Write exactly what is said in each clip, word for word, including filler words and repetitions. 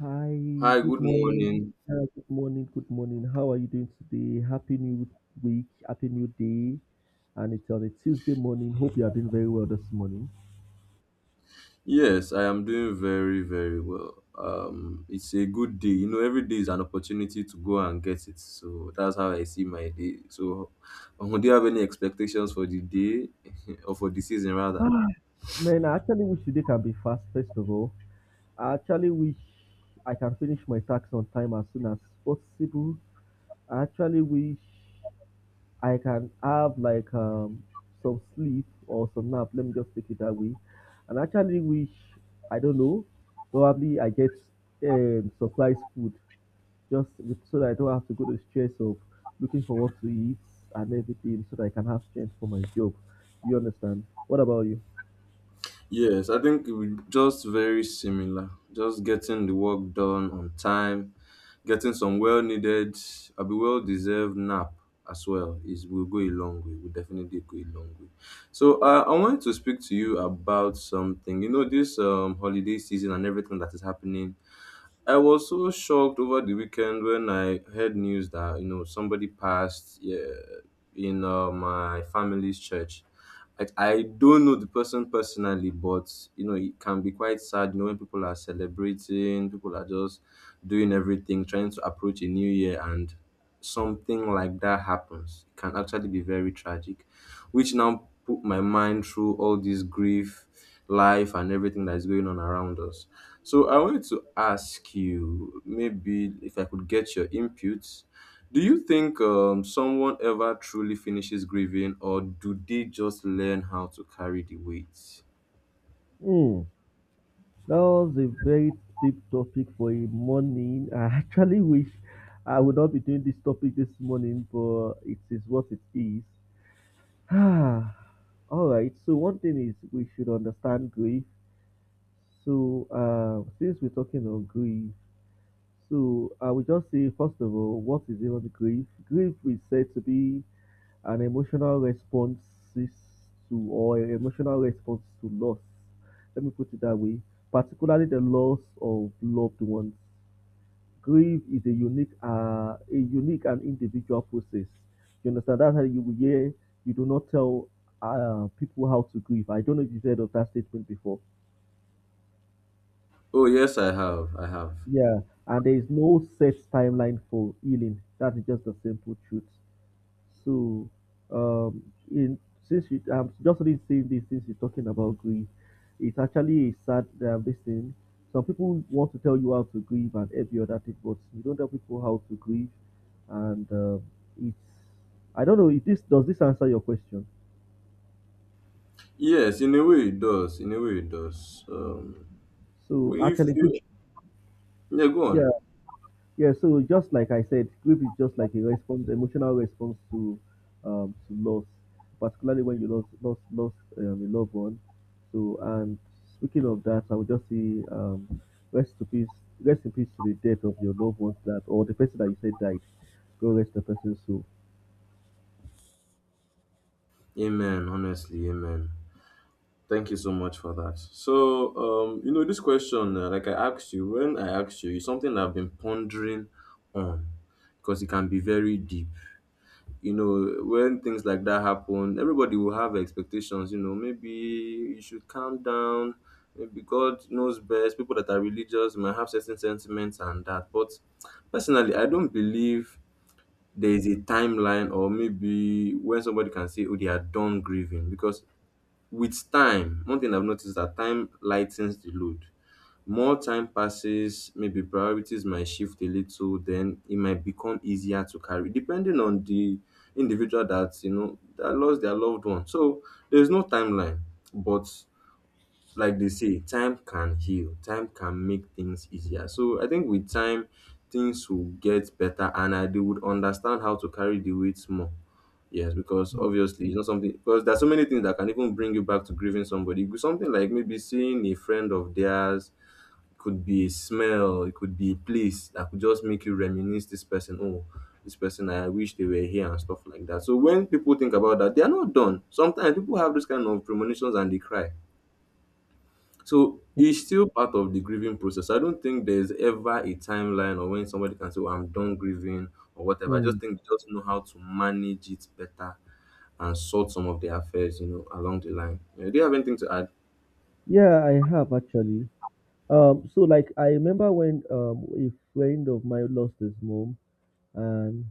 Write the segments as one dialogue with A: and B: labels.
A: Hi,
B: Hi,
A: good
B: good
A: morning.
B: morning.
A: Yeah, good morning, good morning. How are you doing today? Happy new week, happy new day. And it's on a Tuesday morning. Hope you are doing very well this morning.
B: Yes, I am doing very, very well. Um, it's a good day. You know, every day is an opportunity to go and get it. So that's how I see my day. So, um, do you have any expectations for the day or for the season rather?
A: Ah, man, I actually wish today can be fast, first of all. I actually wish I can finish my tax on time as soon as possible. I actually wish I can have like um some sleep or some nap. Let me just take it that way. And actually wish I don't know, probably I get um surprise food just with, so that I don't have to go to the stress of looking for what to eat and everything, so that I can have strength for my job. You understand? What about you?
B: Yes, I think we just very similar. Just getting the work done on time, getting some well needed, a be well deserved nap as well is will go a long way. Will definitely go a long way. So uh, I wanted to speak to you about something. You know this um, holiday season and everything that is happening, I was so shocked over the weekend when I heard news that you know somebody passed, yeah, in uh, my family's church. I, I don't know the person personally, but you know it can be quite sad. You know, when people are celebrating, people are just doing everything, trying to approach a new year, and something like that happens. It can actually be very tragic, which now put my mind through all this grief, life and everything that is going on around us. So I wanted to ask you, maybe if I could get your input, do you think um, someone ever truly finishes grieving, or do they just learn how to carry the weight?
A: Hmm. That was a very deep topic for a morning. I actually wish I would not be doing this topic this morning, but it is what it is. Ah, All right. So one thing is we should understand grief. So uh, since we're talking on grief, so I will just say first of all, what is even grief? Grief is said to be an emotional response to or an emotional response to loss. Let me put it that way, particularly the loss of loved ones. Grief is a unique uh a unique and individual process, you understand. That's how you will hear. You do not tell uh people how to grieve. I don't know if you've heard of that statement before.
B: Oh yes, I have. I have.
A: Yeah, and there is no set timeline for healing. That is just the simple truth. So, um, in since you, I'm just really saying this since you're talking about grief, it's actually a sad uh, this thing. Some people want to tell you how to grieve and every other thing, but you don't tell people how to grieve, and uh, it's I don't know. If this does this answer your question?
B: Yes, in a way it does. In a way it does. Um,
A: So
B: if
A: actually, grief-
B: you, yeah, go
A: yeah.
B: on.
A: Yeah, so just like I said, grief is just like a response, emotional response to um to loss, particularly when you lost lost lost um, a loved one. So, and speaking of that, I would just say um rest to peace rest in peace to the death of your loved ones, that or the person that you said died. Go rest the person's soul.
B: Amen. Honestly, amen. Thank you so much for that. So, um, you know, this question, uh, like I asked you, when I asked you, is something I've been pondering on because it can be very deep. You know, when things like that happen, everybody will have expectations. You know, maybe you should calm down. Maybe God knows best. People that are religious might have certain sentiments and that. But personally, I don't believe there is a timeline or maybe when somebody can say, oh, they are done grieving because with time, one thing I've noticed is that time lightens the load. More time passes, maybe priorities might shift a little, then it might become easier to carry, depending on the individual that you know that lost their loved one. So there's no timeline, but like they say, time can heal, time can make things easier. So I think with time, things will get better and I, they would understand how to carry the weight more. Yes, because obviously it's not something because there's so many things that can even bring you back to grieving somebody. It could- something like maybe seeing a friend of theirs, it could be a smell, it could be a place that could just make you reminisce this person. Oh, this person, I wish they were here and stuff like that. So when people think about that, they are not done. Sometimes people have this kind of premonitions and they cry, so it's still part of the grieving process. I don't think there's ever a timeline or when somebody can say, oh, I'm done grieving or whatever. I just
A: Mm.
B: think they just know how to manage it better and sort some of the affairs, you know, along the line. Yeah, do you have anything to add?
A: Yeah, I have actually. Um, so like I remember when um a friend of mine lost his mom, and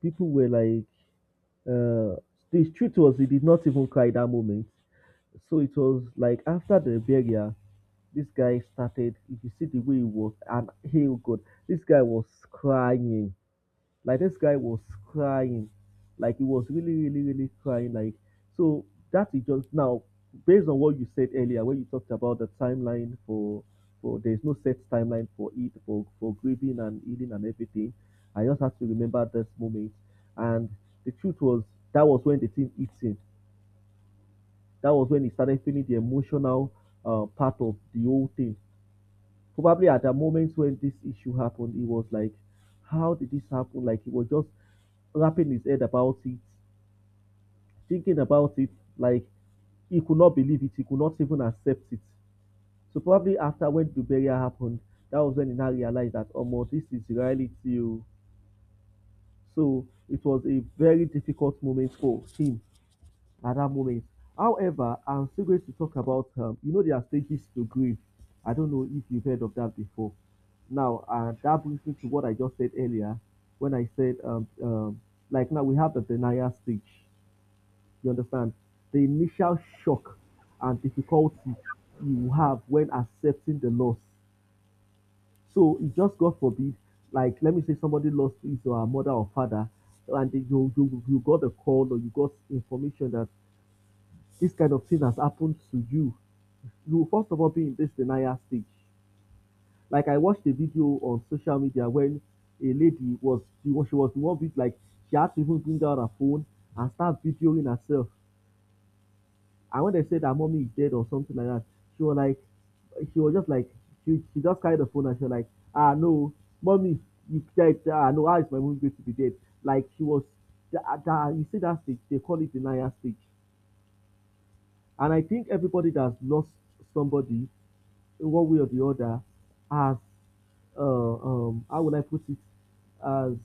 A: people were like uh the truth was he did not even cry that moment. So it was like after the burial, this guy started. If you see the way he was, and hey oh God, this guy was crying. Like this guy was crying, like he was really, really, really crying. Like, so that is just now, based on what you said earlier, when you talked about the timeline for for there's no set timeline for it for for grieving and healing and everything. I just have to remember this moment, and the truth was that was when the thing hit him. That was when he started feeling the emotional uh, part of the whole thing. Probably at the moment when this issue happened, he was like, how did this happen? Like he was just wrapping his head about it, thinking about it, like he could not believe it, he could not even accept it. So probably after when the burial happened, that was when he now realized that, oh, this is reality. Oh. So it was a very difficult moment for him at that moment. However, I'm still going to talk about, um, you know, there are stages to grief. I don't know if you've heard of that before. Now, uh, that brings me to what I just said earlier when I said, um, um, like now we have the denial stage. You understand? The initial shock and difficulty you have when accepting the loss. So, it just God forbid, like let me say somebody lost his or her mother or father, and you, you you got a call or you got information that this kind of thing has happened to you, you will first of all be in this denial stage. Like I watched a video on social media when a lady was she was she was the one with like she had to even bring out her phone and start videoing herself. And when they said her mommy is dead or something like that, she was like she was just like she, she just carried the phone and she was like, ah no, mommy you dead. Ah no, how is my mommy going to be dead? Like she was that, that you see that stage, they call it denial stage. And I think everybody that's lost somebody in one way or the other as uh, um, how would I put it, as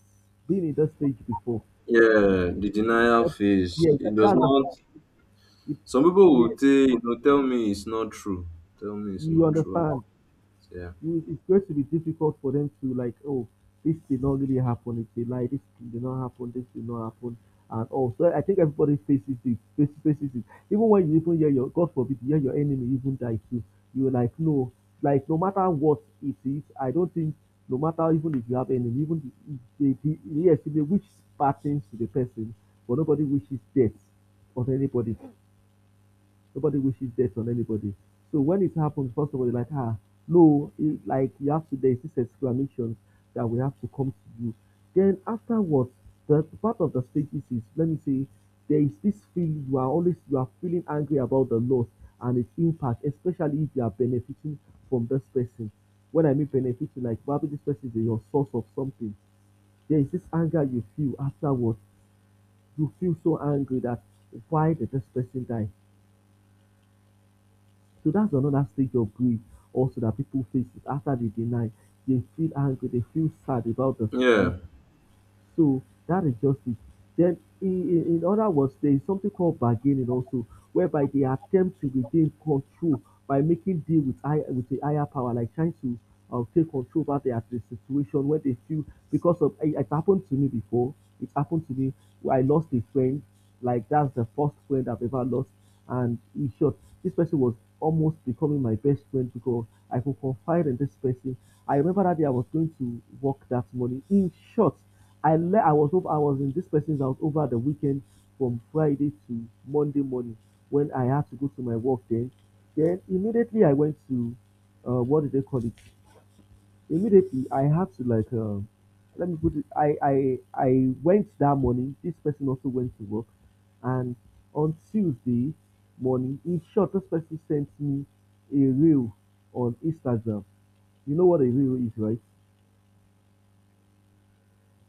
A: being in that stage before.
B: Yeah, the denial
A: That,
B: phase.
A: yeah,
B: It
A: that,
B: does
A: that's the
B: not.
A: fact. It,
B: Some people
A: yeah,
B: will say, you know, tell me it's not true. Tell me it's
A: you
B: not true.
A: understand.
B: Yeah.
A: You, it's going to be difficult for them to like, oh, this did not really happen. It's a lie. This did not happen. This did not happen. And all. So I think everybody faces it. Faces, faces it. Even when you even hear your God forbid, you hear your enemy even die too. You're like, no, like no matter what it is, I don't think no matter even if you have enemy, even the, the, yes, they wish bad things to the person, but nobody wishes death on anybody. Nobody wishes death on anybody. So when it happens, first of all, you're like, ah, no, it, like you have to, there's this exclamation that we have to come to you. Then afterwards, the part of the stages is, let me say, there is this feeling you are always, you are feeling angry about the loss and its impact, especially if you are benefiting from this person. When I mean benefiting, like probably this person is your source of something. There is this anger you feel afterwards. You feel so angry that why did this person die? So that's another stage of grief also that people face is after they deny, they feel angry, they feel sad about the situation.
B: Yeah.
A: So that is just it. Then in, in in other words, there is something called bargaining also, whereby they attempt to regain control by making deal with high, with the higher power, like trying to uh, take control over their the situation when they feel because of it, it happened to me before. It happened to me where I lost a friend. Like that's the first friend I've ever lost, and in short, this person was almost becoming my best friend because I could confide in this person. I remember that day I was going to work that morning. In short, I le- I was over, I was in this person's house over the weekend from Friday to Monday morning when I had to go to my work. Then, then immediately I went to uh, what do they call it? Immediately, I had to like, um, let me put it. I I I went that morning. This person also went to work, and on Tuesday morning, in short, this person sent me a reel on Instagram. You know what a reel is, right?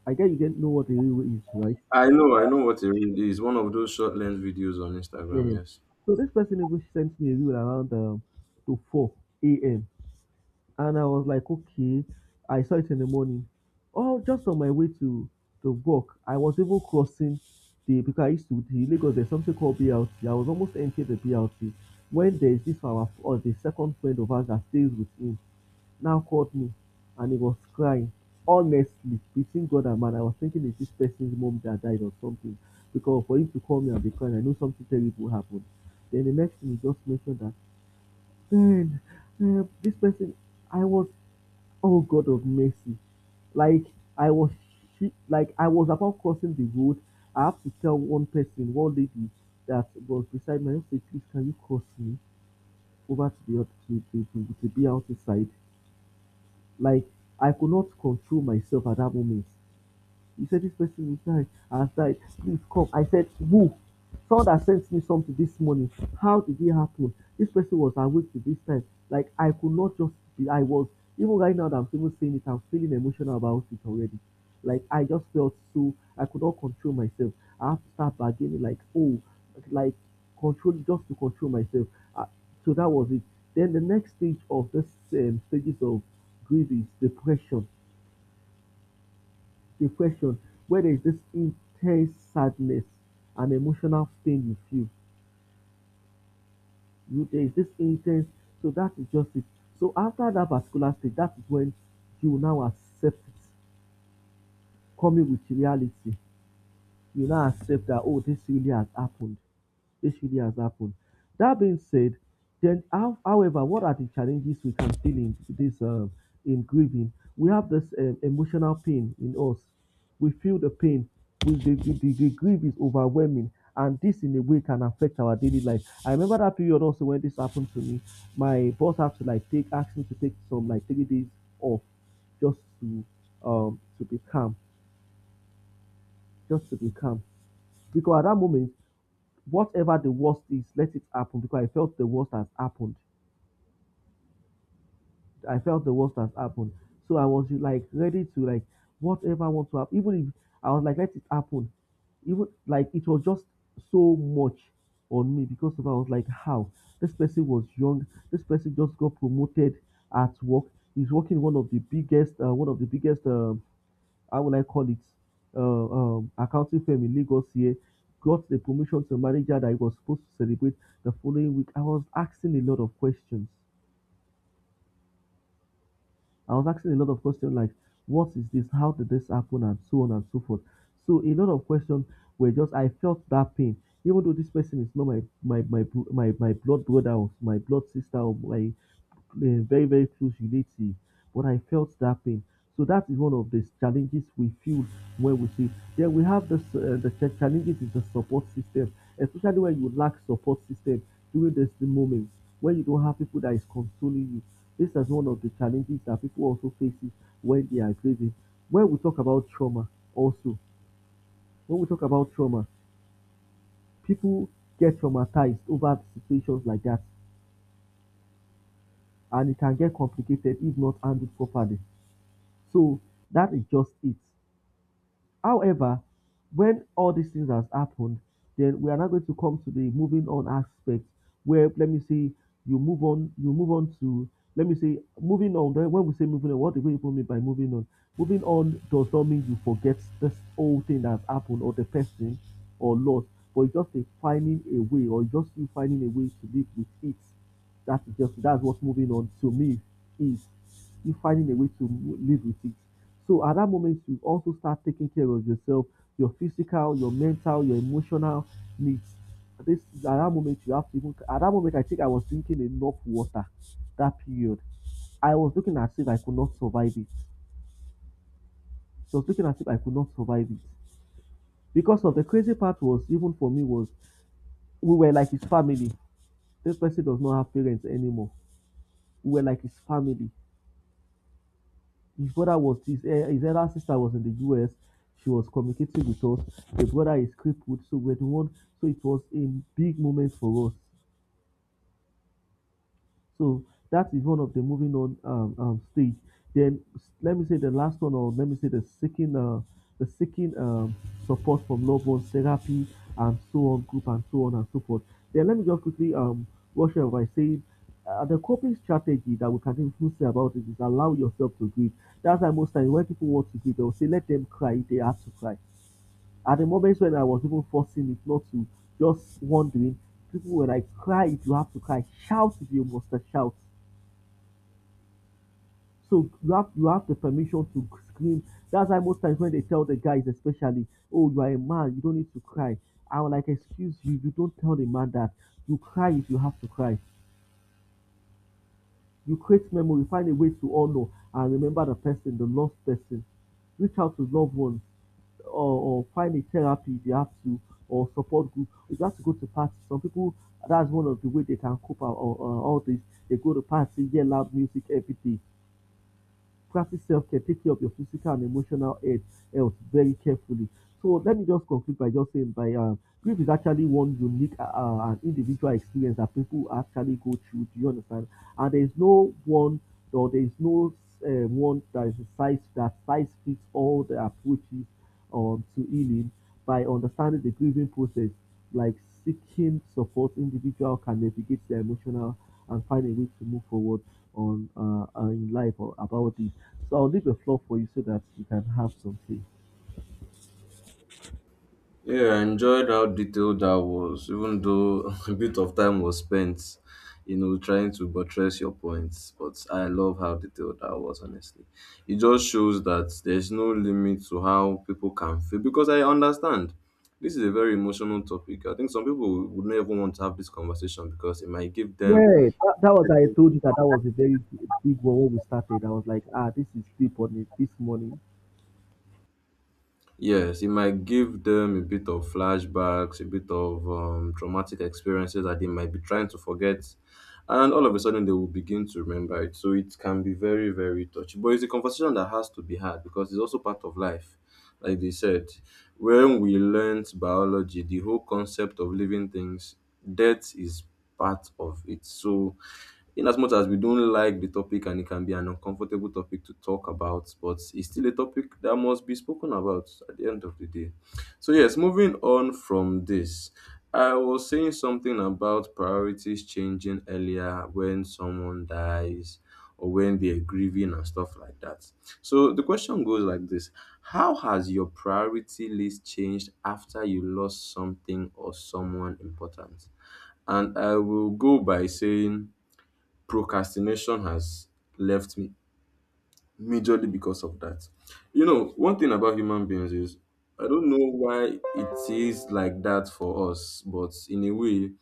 A: I guess you don't know what a reel is, right?
B: I know, I know what it really is. One of those short length videos on Instagram,
A: Yeah.
B: yes.
A: So this person even sent me a reel around um, to four a m. And I was like, okay. I saw it in the morning. Oh, just on my way to to work, I was even crossing the because I used to the Lagos. There's something called B L T. I was almost entering the B L T when there is this our or the second friend of ours that stays with him now called me, and he was crying. Honestly, between God and man, I was thinking is this person's mom that died or something because for him to call me and be crying, I know something terrible happened. Then the next thing he just mentioned that then uh, this person I was, oh God of mercy. Like I was she, like I was about crossing the road. I have to tell one person, one lady that was beside me, I just say, please can you cross me over to the other to, to, to, to be outside? Like I could not control myself at that moment. He said, this person is died has died. Please come. I said, who? Someone that sent me something this morning. How did it happen? This person was awake to this time. Like I could not just be. I was even right now that I'm even saying it, I'm feeling emotional about it already. Like I just felt so I could not control myself. I have to start bargaining like oh, like control just to control myself. Uh, so that was it. Then the next stage of this um, stages of grief is depression, the question, where there is this intense sadness and emotional pain you feel, you there is this intense, so that is just it. So after that particular stage, that is when you now accept it, coming with reality. You now accept that, oh, this really has happened. This really has happened. That being said, then how, however, what are the challenges we can feel in this um, in grieving? We have this um, emotional pain in us. We feel the pain. We, the, the, the, the grief is overwhelming, and this in a way can affect our daily life. I remember that period also when this happened to me. My boss had to like take ask me to take some like three days off just to um to be calm, just to be calm. Because at that moment, whatever the worst is, let it happen because I felt the worst has happened. I felt the worst has happened. So I was like ready to like whatever I want to happen. Even if I was like, let it happen. Even like it was just so much on me because of I was like, how this person was young. This person just got promoted at work. He's working in one of the biggest, uh, one of the biggest um, how will I call it, uh, um, accounting firm in Lagos here, got the promotion to manager that he was supposed to celebrate the following week. I was asking a lot of questions. I was asking a lot of questions like, what is this? How did this happen? And so on and so forth. So a lot of questions were just I felt that pain, even though this person is not my my my bro- my, my blood brother or my blood sister or my uh, very very close relative, but I felt that pain. So that is one of the challenges we feel when we see. Then we have this, uh, the ch- challenges is the support system, especially when you lack support system during this the moments when you don't have people that is consoling you, this is one of the challenges that people also faces when they are grieving. When we talk about trauma, also, when we talk about trauma, people get traumatized over situations like that, and it can get complicated if not handled properly. So that is just it. However, when all these things has happened, then we are now going to come to the moving on aspect where let me say you move on, you move on to let me say moving on. Then when we say moving on, what do we even mean by moving on? Moving on does not mean you forget this whole thing that has happened or the person or loss, but it's just a finding a way, or just you finding a way to live with it. That's just that's what's moving on to me is you finding a way to live with it. So at that moment, you also start taking care of yourself, your physical, your mental, your emotional needs. This at that moment you have to even At that moment I think I was drinking enough water that period. I was looking as if I could not survive it. So I was looking as if I could not survive it. Because of, the crazy part was, even for me was, we were like his family. This person does not have parents anymore. We were like his family. His brother was his, eh, his elder sister was in the U S. She was communicating with us. The brother is crippled, so we're the one. So it was a big moment for us. So that is one of the moving on um, um, stage. Then let me say the last one, or let me say the seeking, uh, the seeking um, support from loved ones, therapy, and so on, group, and so on and so forth. Then let me just quickly um, wash up by saying, uh, the coping strategy that we can even say about it is allow yourself to grieve. That's why most times when people want to grieve, they'll say let them cry if they have to cry. At the moment when I was even forcing it not to, just wondering, people were like, cry if you have to cry, shout if you must shout, so you have you have the permission to scream. That's why most times when they tell the guys, especially, oh, you are a man, you don't need to cry. I'm like, excuse you, you don't tell the man that. You cry if you have to cry. You create memory, find a way to honor and remember the person, the lost person. Reach out to loved ones, or, or find a therapy if you have to, or support group. If you have to go to parties, some people, that's one of the way they can cope out, or, or all this. They go to party, hear loud music every day, practice self-care, take care of your physical and emotional health, health very carefully. So let me just conclude by just saying by um, grief is actually one unique uh, uh, and individual experience that people actually go through. Do you understand? And there is no one, or there is no uh, one that is a size, that size fits all the approaches um, to healing. By understanding the grieving process, like seeking support, individual can navigate their emotional and find a way to move forward on uh, uh, in life or about it. So I'll leave the floor for you so that you can have some say.
B: Yeah, I enjoyed how detailed that was, even though a bit of time was spent, you know, trying to buttress your points. But I love how detailed that was, honestly. It just shows that there's no limit to how people can feel. Because I understand this is a very emotional topic. I think some people would not even want to have this conversation because it might give them.
A: Yeah, that, that was, I told you that that was a very g- big one when we started. I was like, ah, this is deep on it this morning.
B: Yes, it might give them a bit of flashbacks, a bit of um, traumatic experiences that they might be trying to forget. And all of a sudden, they will begin to remember it. So it can be very, very touchy. But it's a conversation that has to be had because it's also part of life. Like they said, when we learnt biology, the whole concept of living things, death is part of it. So, in as much as we don't like the topic and it can be an uncomfortable topic to talk about, but it's still a topic that must be spoken about at the end of the day. So, yes, moving on from this, I was saying something about priorities changing earlier when someone dies or when they're grieving and stuff like that. So, the question goes like this: how has your priority list changed after you lost something or someone important? And I will go by saying procrastination has left me majorly because of that. You know, one thing about human beings is I don't know why it is like that for us, but in a way,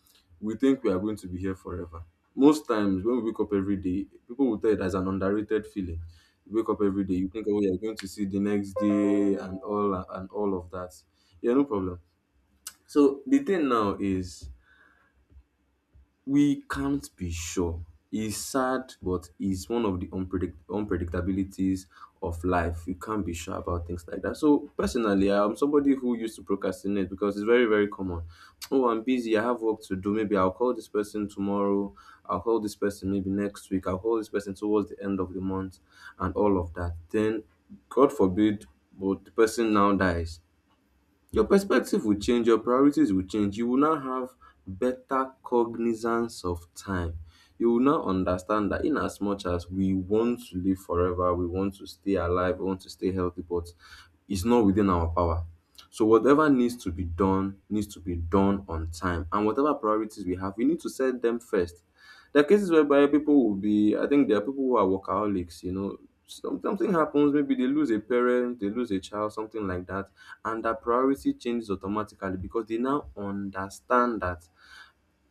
B: we think we are going to be here forever. Most times when we wake up every day, people will tell you that's an underrated feeling. You wake up every day, you think, oh, you're going to see the next day and all and all of that. Yeah, no problem. So the thing now is we can't be sure. It's sad, but it's one of the unpredict- unpredictabilities of life. You can't be sure about things like that. So, personally, I'm somebody who used to procrastinate because it's very, very common. Oh, I'm busy. I have work to do. Maybe I'll call this person tomorrow. I'll call this person maybe next week. I'll call this person towards the end of the month and all of that. Then, God forbid, but the person now dies, your perspective will change, your priorities will change. You will now have better cognizance of time. You will now understand that in as much as we want to live forever, we want to stay alive, we want to stay healthy, but it's not within our power. So whatever needs to be done needs to be done on time. And whatever priorities we have, we need to set them first. There are cases whereby people will be, I think there are people who are workaholics, you know. Some, something happens, maybe they lose a parent, they lose a child, something like that, and their priority changes automatically because they now understand that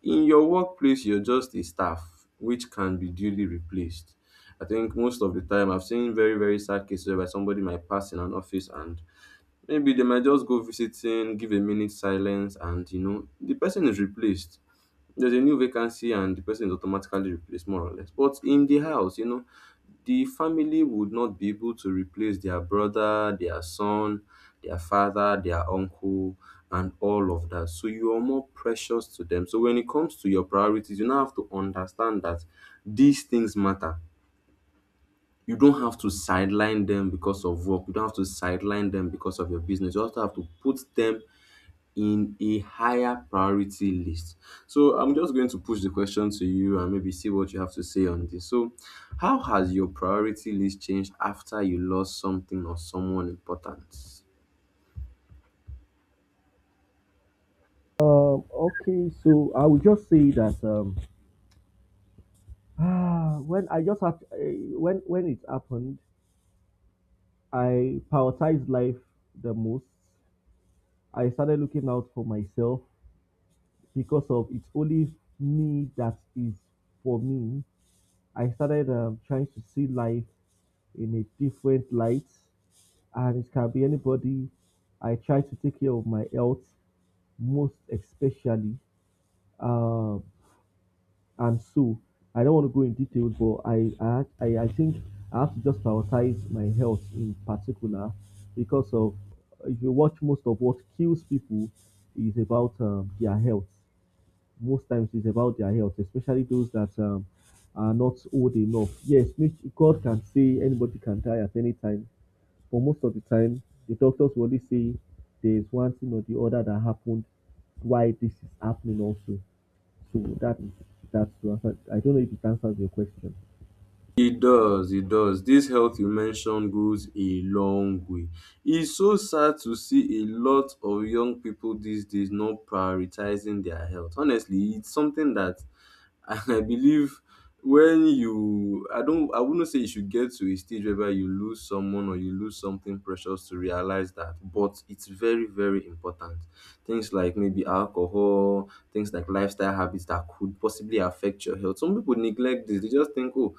B: in your workplace, you're just a staff which can be duly replaced. I think most of the time, I've seen very, very sad cases whereby somebody might pass in an office and maybe they might just go visiting, give a minute silence, and you know, the person is replaced, there's a new vacancy and the person is automatically replaced more or less. But in the house, you know, the family would not be able to replace their brother, their son, their father, their uncle, and all of that. So you are more precious to them. So when it comes to your priorities, you now have to understand that these things matter. You don't have to sideline them because of work. You don't have to sideline them because of your business. You also have to put them in a higher priority list. So I'm just going to push the question to you and maybe see what you have to say on this. So, how has your priority list changed after you lost something or someone important?
A: Um, okay, so I will just say that um, ah, when I just had, uh, when when it happened, I prioritized life the most. I started looking out for myself because of it's only me that is for me. I started um, trying to see life in a different light, and it can be anybody. I try to take care of my health most especially. Um, And so I don't want to go in details, but I, I, I I think I have to just prioritize my health in particular because of, if you watch, most of what kills people is about um, their health. Most times it's about their health, especially those that um, are not old enough. Yes, nat- God can say anybody can die at any time, but most of the time the doctors will only say there's one thing or the other that happened why this is happening also. So that is, that's to answer. I don't know if it answers your question.
B: It does, it does. This health you mentioned goes a long way. It's so sad to see a lot of young people these days not prioritizing their health. Honestly, it's something that, and I believe when you, I don't, I wouldn't say you should get to a stage whereby you lose someone or you lose something precious to realize that, but it's very, very important. Things like maybe alcohol, things like lifestyle habits that could possibly affect your health. Some people neglect this, they just think, oh,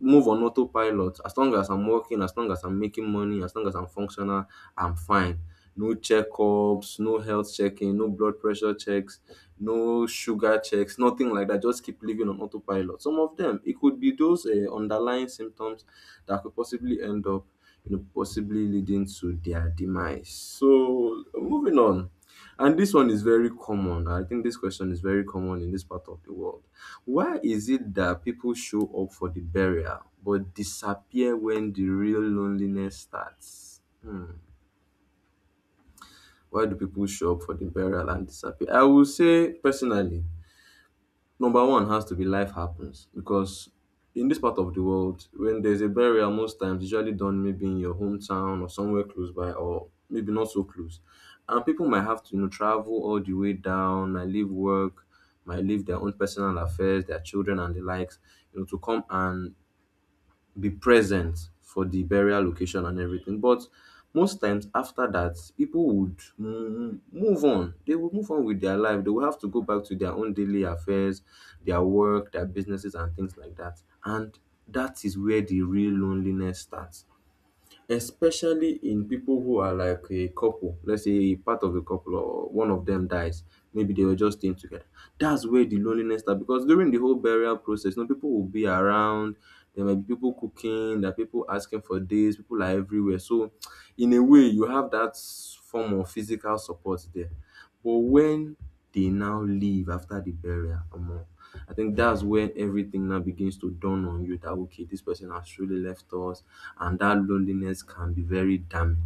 B: move on autopilot. As long as I'm working, as long as I'm making money, as long as I'm functional, I'm fine, no checkups, no health checking, no blood pressure checks, no sugar checks, nothing like that. Just keep living on autopilot. Some of them, it could be those uh, underlying symptoms that could possibly end up, you know, possibly leading to their demise. So moving on. And this one is very common. I think this question is very common in this part of the world. Why is it that people show up for the burial but disappear when the real loneliness starts? Hmm. Why do people show up for the burial and disappear? I will say personally, number one has to be life happens because in this part of the world, when there's a burial, most times usually done maybe in your hometown or somewhere close by or maybe not so close. And people might have to you know travel all the way down, might leave work, might leave their own personal affairs, their children and the likes, you know, to come and be present for the burial location and everything. But most times after that, people would mm, move on. They would move on with their life. They would have to go back to their own daily affairs, their work, their businesses, and things like that. And that is where the real loneliness starts, especially in people who are like a couple. Let's say part of the couple or one of them dies, maybe they were just staying together. That's where the loneliness start, because during the whole burial process, you know people will be around. There might be people cooking, there are people asking for this, people are everywhere. So in a way, you have that form of physical support there. But when they now leave after the burial, omo, I think that's when everything now begins to dawn on you that okay, this person has truly left us, and that loneliness can be very damning.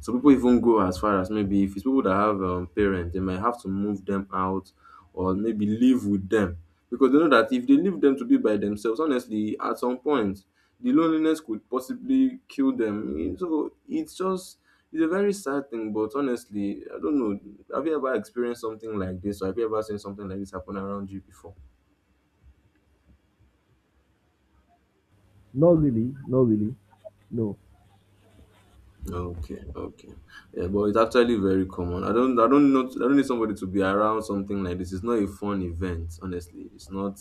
B: Some people even go as far as, maybe if it's people that have um, parents, they might have to move them out or maybe live with them, because they know that if they leave them to be by themselves, honestly, at some point, the loneliness could possibly kill them. Eh, so it's just it's a very sad thing. But honestly, I don't know. Have you ever experienced something like this, or have you ever seen something like this happen around you before?
A: Not really, not really. No.
B: Okay, okay. Yeah, but it's actually very common. I don't I don't know I don't need somebody to be around something like this. It's not a fun event, honestly. It's not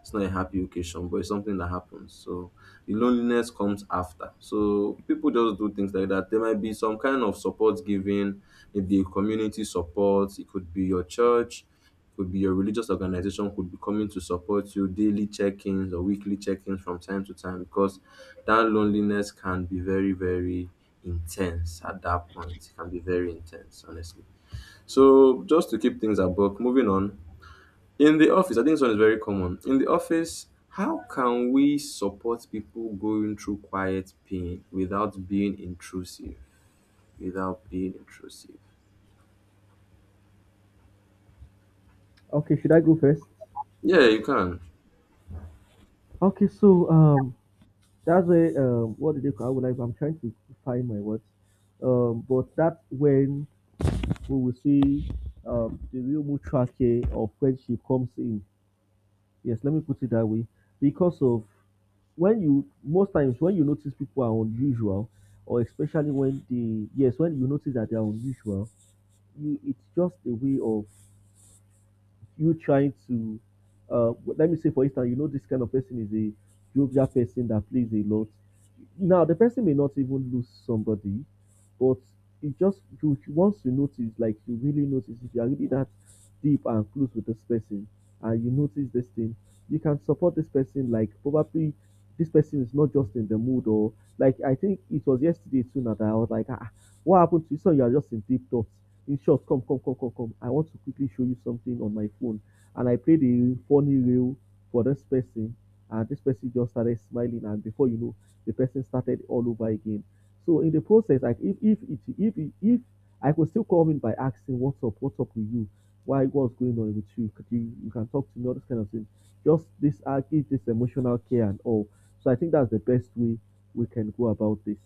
B: it's not a happy occasion, but it's something that happens. So the loneliness comes after. So people just do things like that. There might be some kind of support given, maybe a community support. It could be your church, it could be your religious organization, could be coming to support you, daily check-ins or weekly check-ins from time to time, because that loneliness can be very, very intense at that point. It can be very intense, honestly. So just to keep things above, moving on. In the office, I think this one is very common. In the office, how can we support people going through quiet pain without being intrusive? Without being intrusive.
A: Okay, should I go first?
B: Yeah, you can.
A: Okay, so um, that's where um, what did they call? I would like. I'm trying to find my words. Um, but that's when we will see um the real mutual care of friendship comes in. Yes, let me put it that way. Because of, when you, most times when you notice people are unusual, or especially when they, yes, when you notice that they are unusual, you, it's just a way of you trying to, uh let me say for instance, you know this kind of person is a jovial person that plays a lot, now the person may not even lose somebody, but it just, you, once you notice, like you really notice, if you are really that deep and close with this person and you notice this thing, you can support this person, like probably this person is not just in the mood. Or like, I think it was yesterday too now that I was like, ah, what happened to you? So you are just in deep thoughts. In short, come, come, come, come, come. I want to quickly show you something on my phone. And I played a funny reel for this person. And this person just started smiling. And before you know, the person started all over again. So in the process, like if if it, if if, if I could still call in by asking, what's up, what's up with you, why, what's going on with you, could you you can talk to me, all this kind of thing. Just this, uh, give this emotional care and all. So I think that's the best way we can go about this.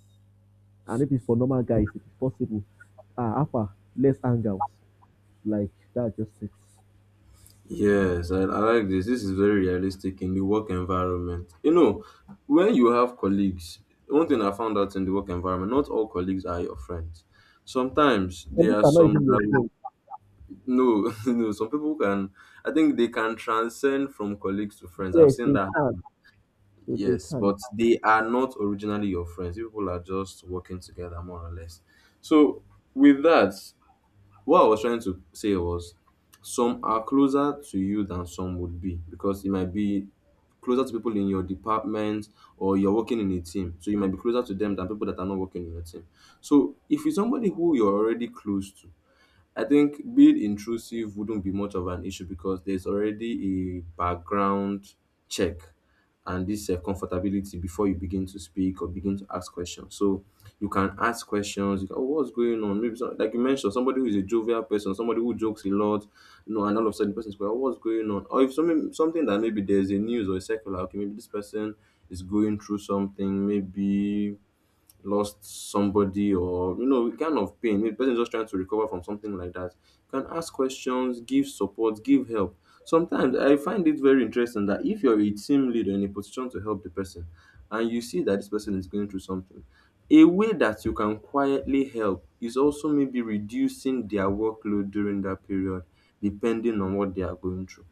A: And if it's for normal guys, if it's possible, ah, upper, less angles. Like, that just it.
B: Yes, I, I like this. This is very realistic in the work environment. You know, when you have colleagues, one thing I found out in the work environment, not all colleagues are your friends. Sometimes
A: But
B: there
A: these
B: are
A: are not
B: some
A: even your
B: that,
A: friends.
B: no, no, some people can, I think they can transcend from colleagues to friends. I've
A: Yes,
B: seen
A: they
B: that.
A: can. So they
B: Yes,
A: can.
B: but they are not originally your friends. You people are just working together, more or less. So, with that, what I was trying to say was, some are closer to you than some would be, because it might be closer to people in your department, or you're working in a team. So, you might be closer to them than people that are not working in your team. So, if it's somebody who you're already close to, I think being intrusive wouldn't be much of an issue, because there's already a background check and this uh, comfortability before you begin to speak or begin to ask questions. So you can ask questions. You can, oh, what's going on? Maybe some, like you mentioned, somebody who is a jovial person, somebody who jokes a lot, you know, and all of a sudden the person is going, oh, what's going on? Or if something something that, maybe there's a news or a circular, okay, maybe this person is going through something, maybe lost somebody or, you know, kind of pain, maybe the person is just trying to recover from something like that. You can ask questions, give support, give help. Sometimes I find it very interesting that if you're a team leader in a position to help the person, and you see that this person is going through something, a way that you can quietly help is also maybe reducing their workload during that period, depending on what they are going through.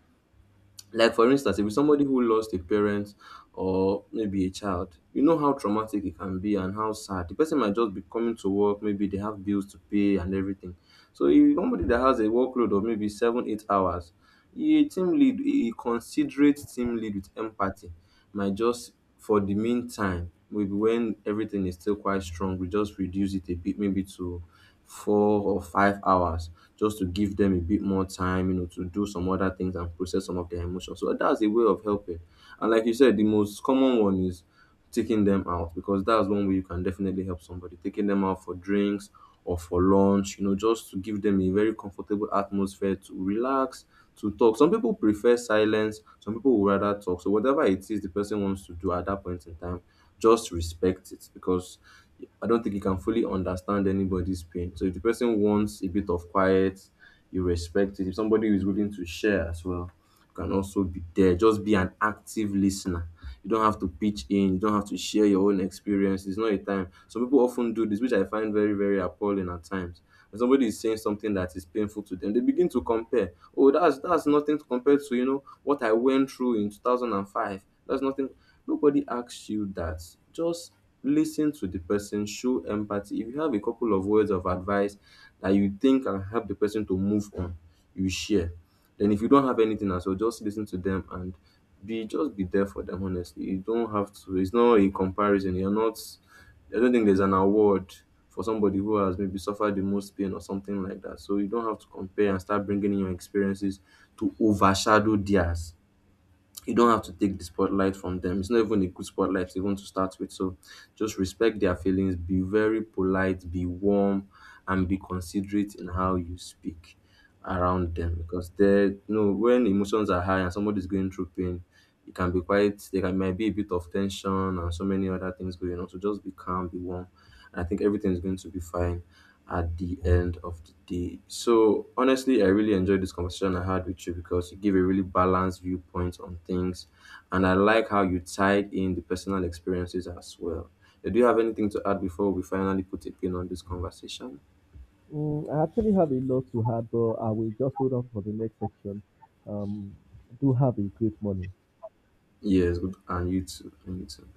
B: Like for instance, if it's somebody who lost a parent or maybe a child, you know how traumatic it can be and how sad. The person might just be coming to work, maybe they have bills to pay and everything. So if somebody that has a workload of maybe seven, eight hours, a team lead, a considerate team lead with empathy, might just for the meantime, maybe when everything is still quite strong, we just reduce it a bit, maybe to four or five hours, just to give them a bit more time, you know, to do some other things and process some of their emotions. So that's a way of helping. And like you said, the most common one is taking them out, because that's one way you can definitely help somebody. Taking them out for drinks or for lunch, you know, just to give them a very comfortable atmosphere to relax, to talk. Some people prefer silence, some people would rather talk. So whatever it is the person wants to do at that point in time, just respect it, because I don't think you can fully understand anybody's pain. So if the person wants a bit of quiet, you respect it. If somebody is willing to share as well, you can also be there. Just be an active listener. You don't have to pitch in, you don't have to share your own experience. It's not a time. Some people often do this, which I find very, very appalling at times. When somebody is saying something that is painful to them, they begin to compare. Oh, that's that's nothing compared to, you know, what I went through in two thousand five. That's nothing. Nobody asks you that. Just listen to the person, show empathy. If you have a couple of words of advice that you think can help the person to move on, you share. Then if you don't have anything else, well, just listen to them and be just be there for them. Honestly, you don't have to. It's not a comparison. You're not, I don't think there's an award for somebody who has maybe suffered the most pain or something like that. So you don't have to compare and start bringing in your experiences to overshadow theirs. You don't have to take the spotlight from them. It's not even a good spotlight even to start with. So just respect their feelings, be very polite, be warm, and be considerate in how you speak around them, because, they you know, when emotions are high and somebody's going through pain, it can be quite, there can might be a bit of tension and so many other things going on. So just be calm, be warm. And I think everything is going to be fine at the end of the day. So honestly, I really enjoyed this conversation I had with you, because you give a really balanced viewpoint on things. And I like how you tied in the personal experiences as well. Yeah, do you have anything to add before we finally put a pin on this conversation?
A: Mm, I actually have a lot to add, but I will just hold on for the next section. Um, do have a great morning.
B: Yes, good. And you too. And you too.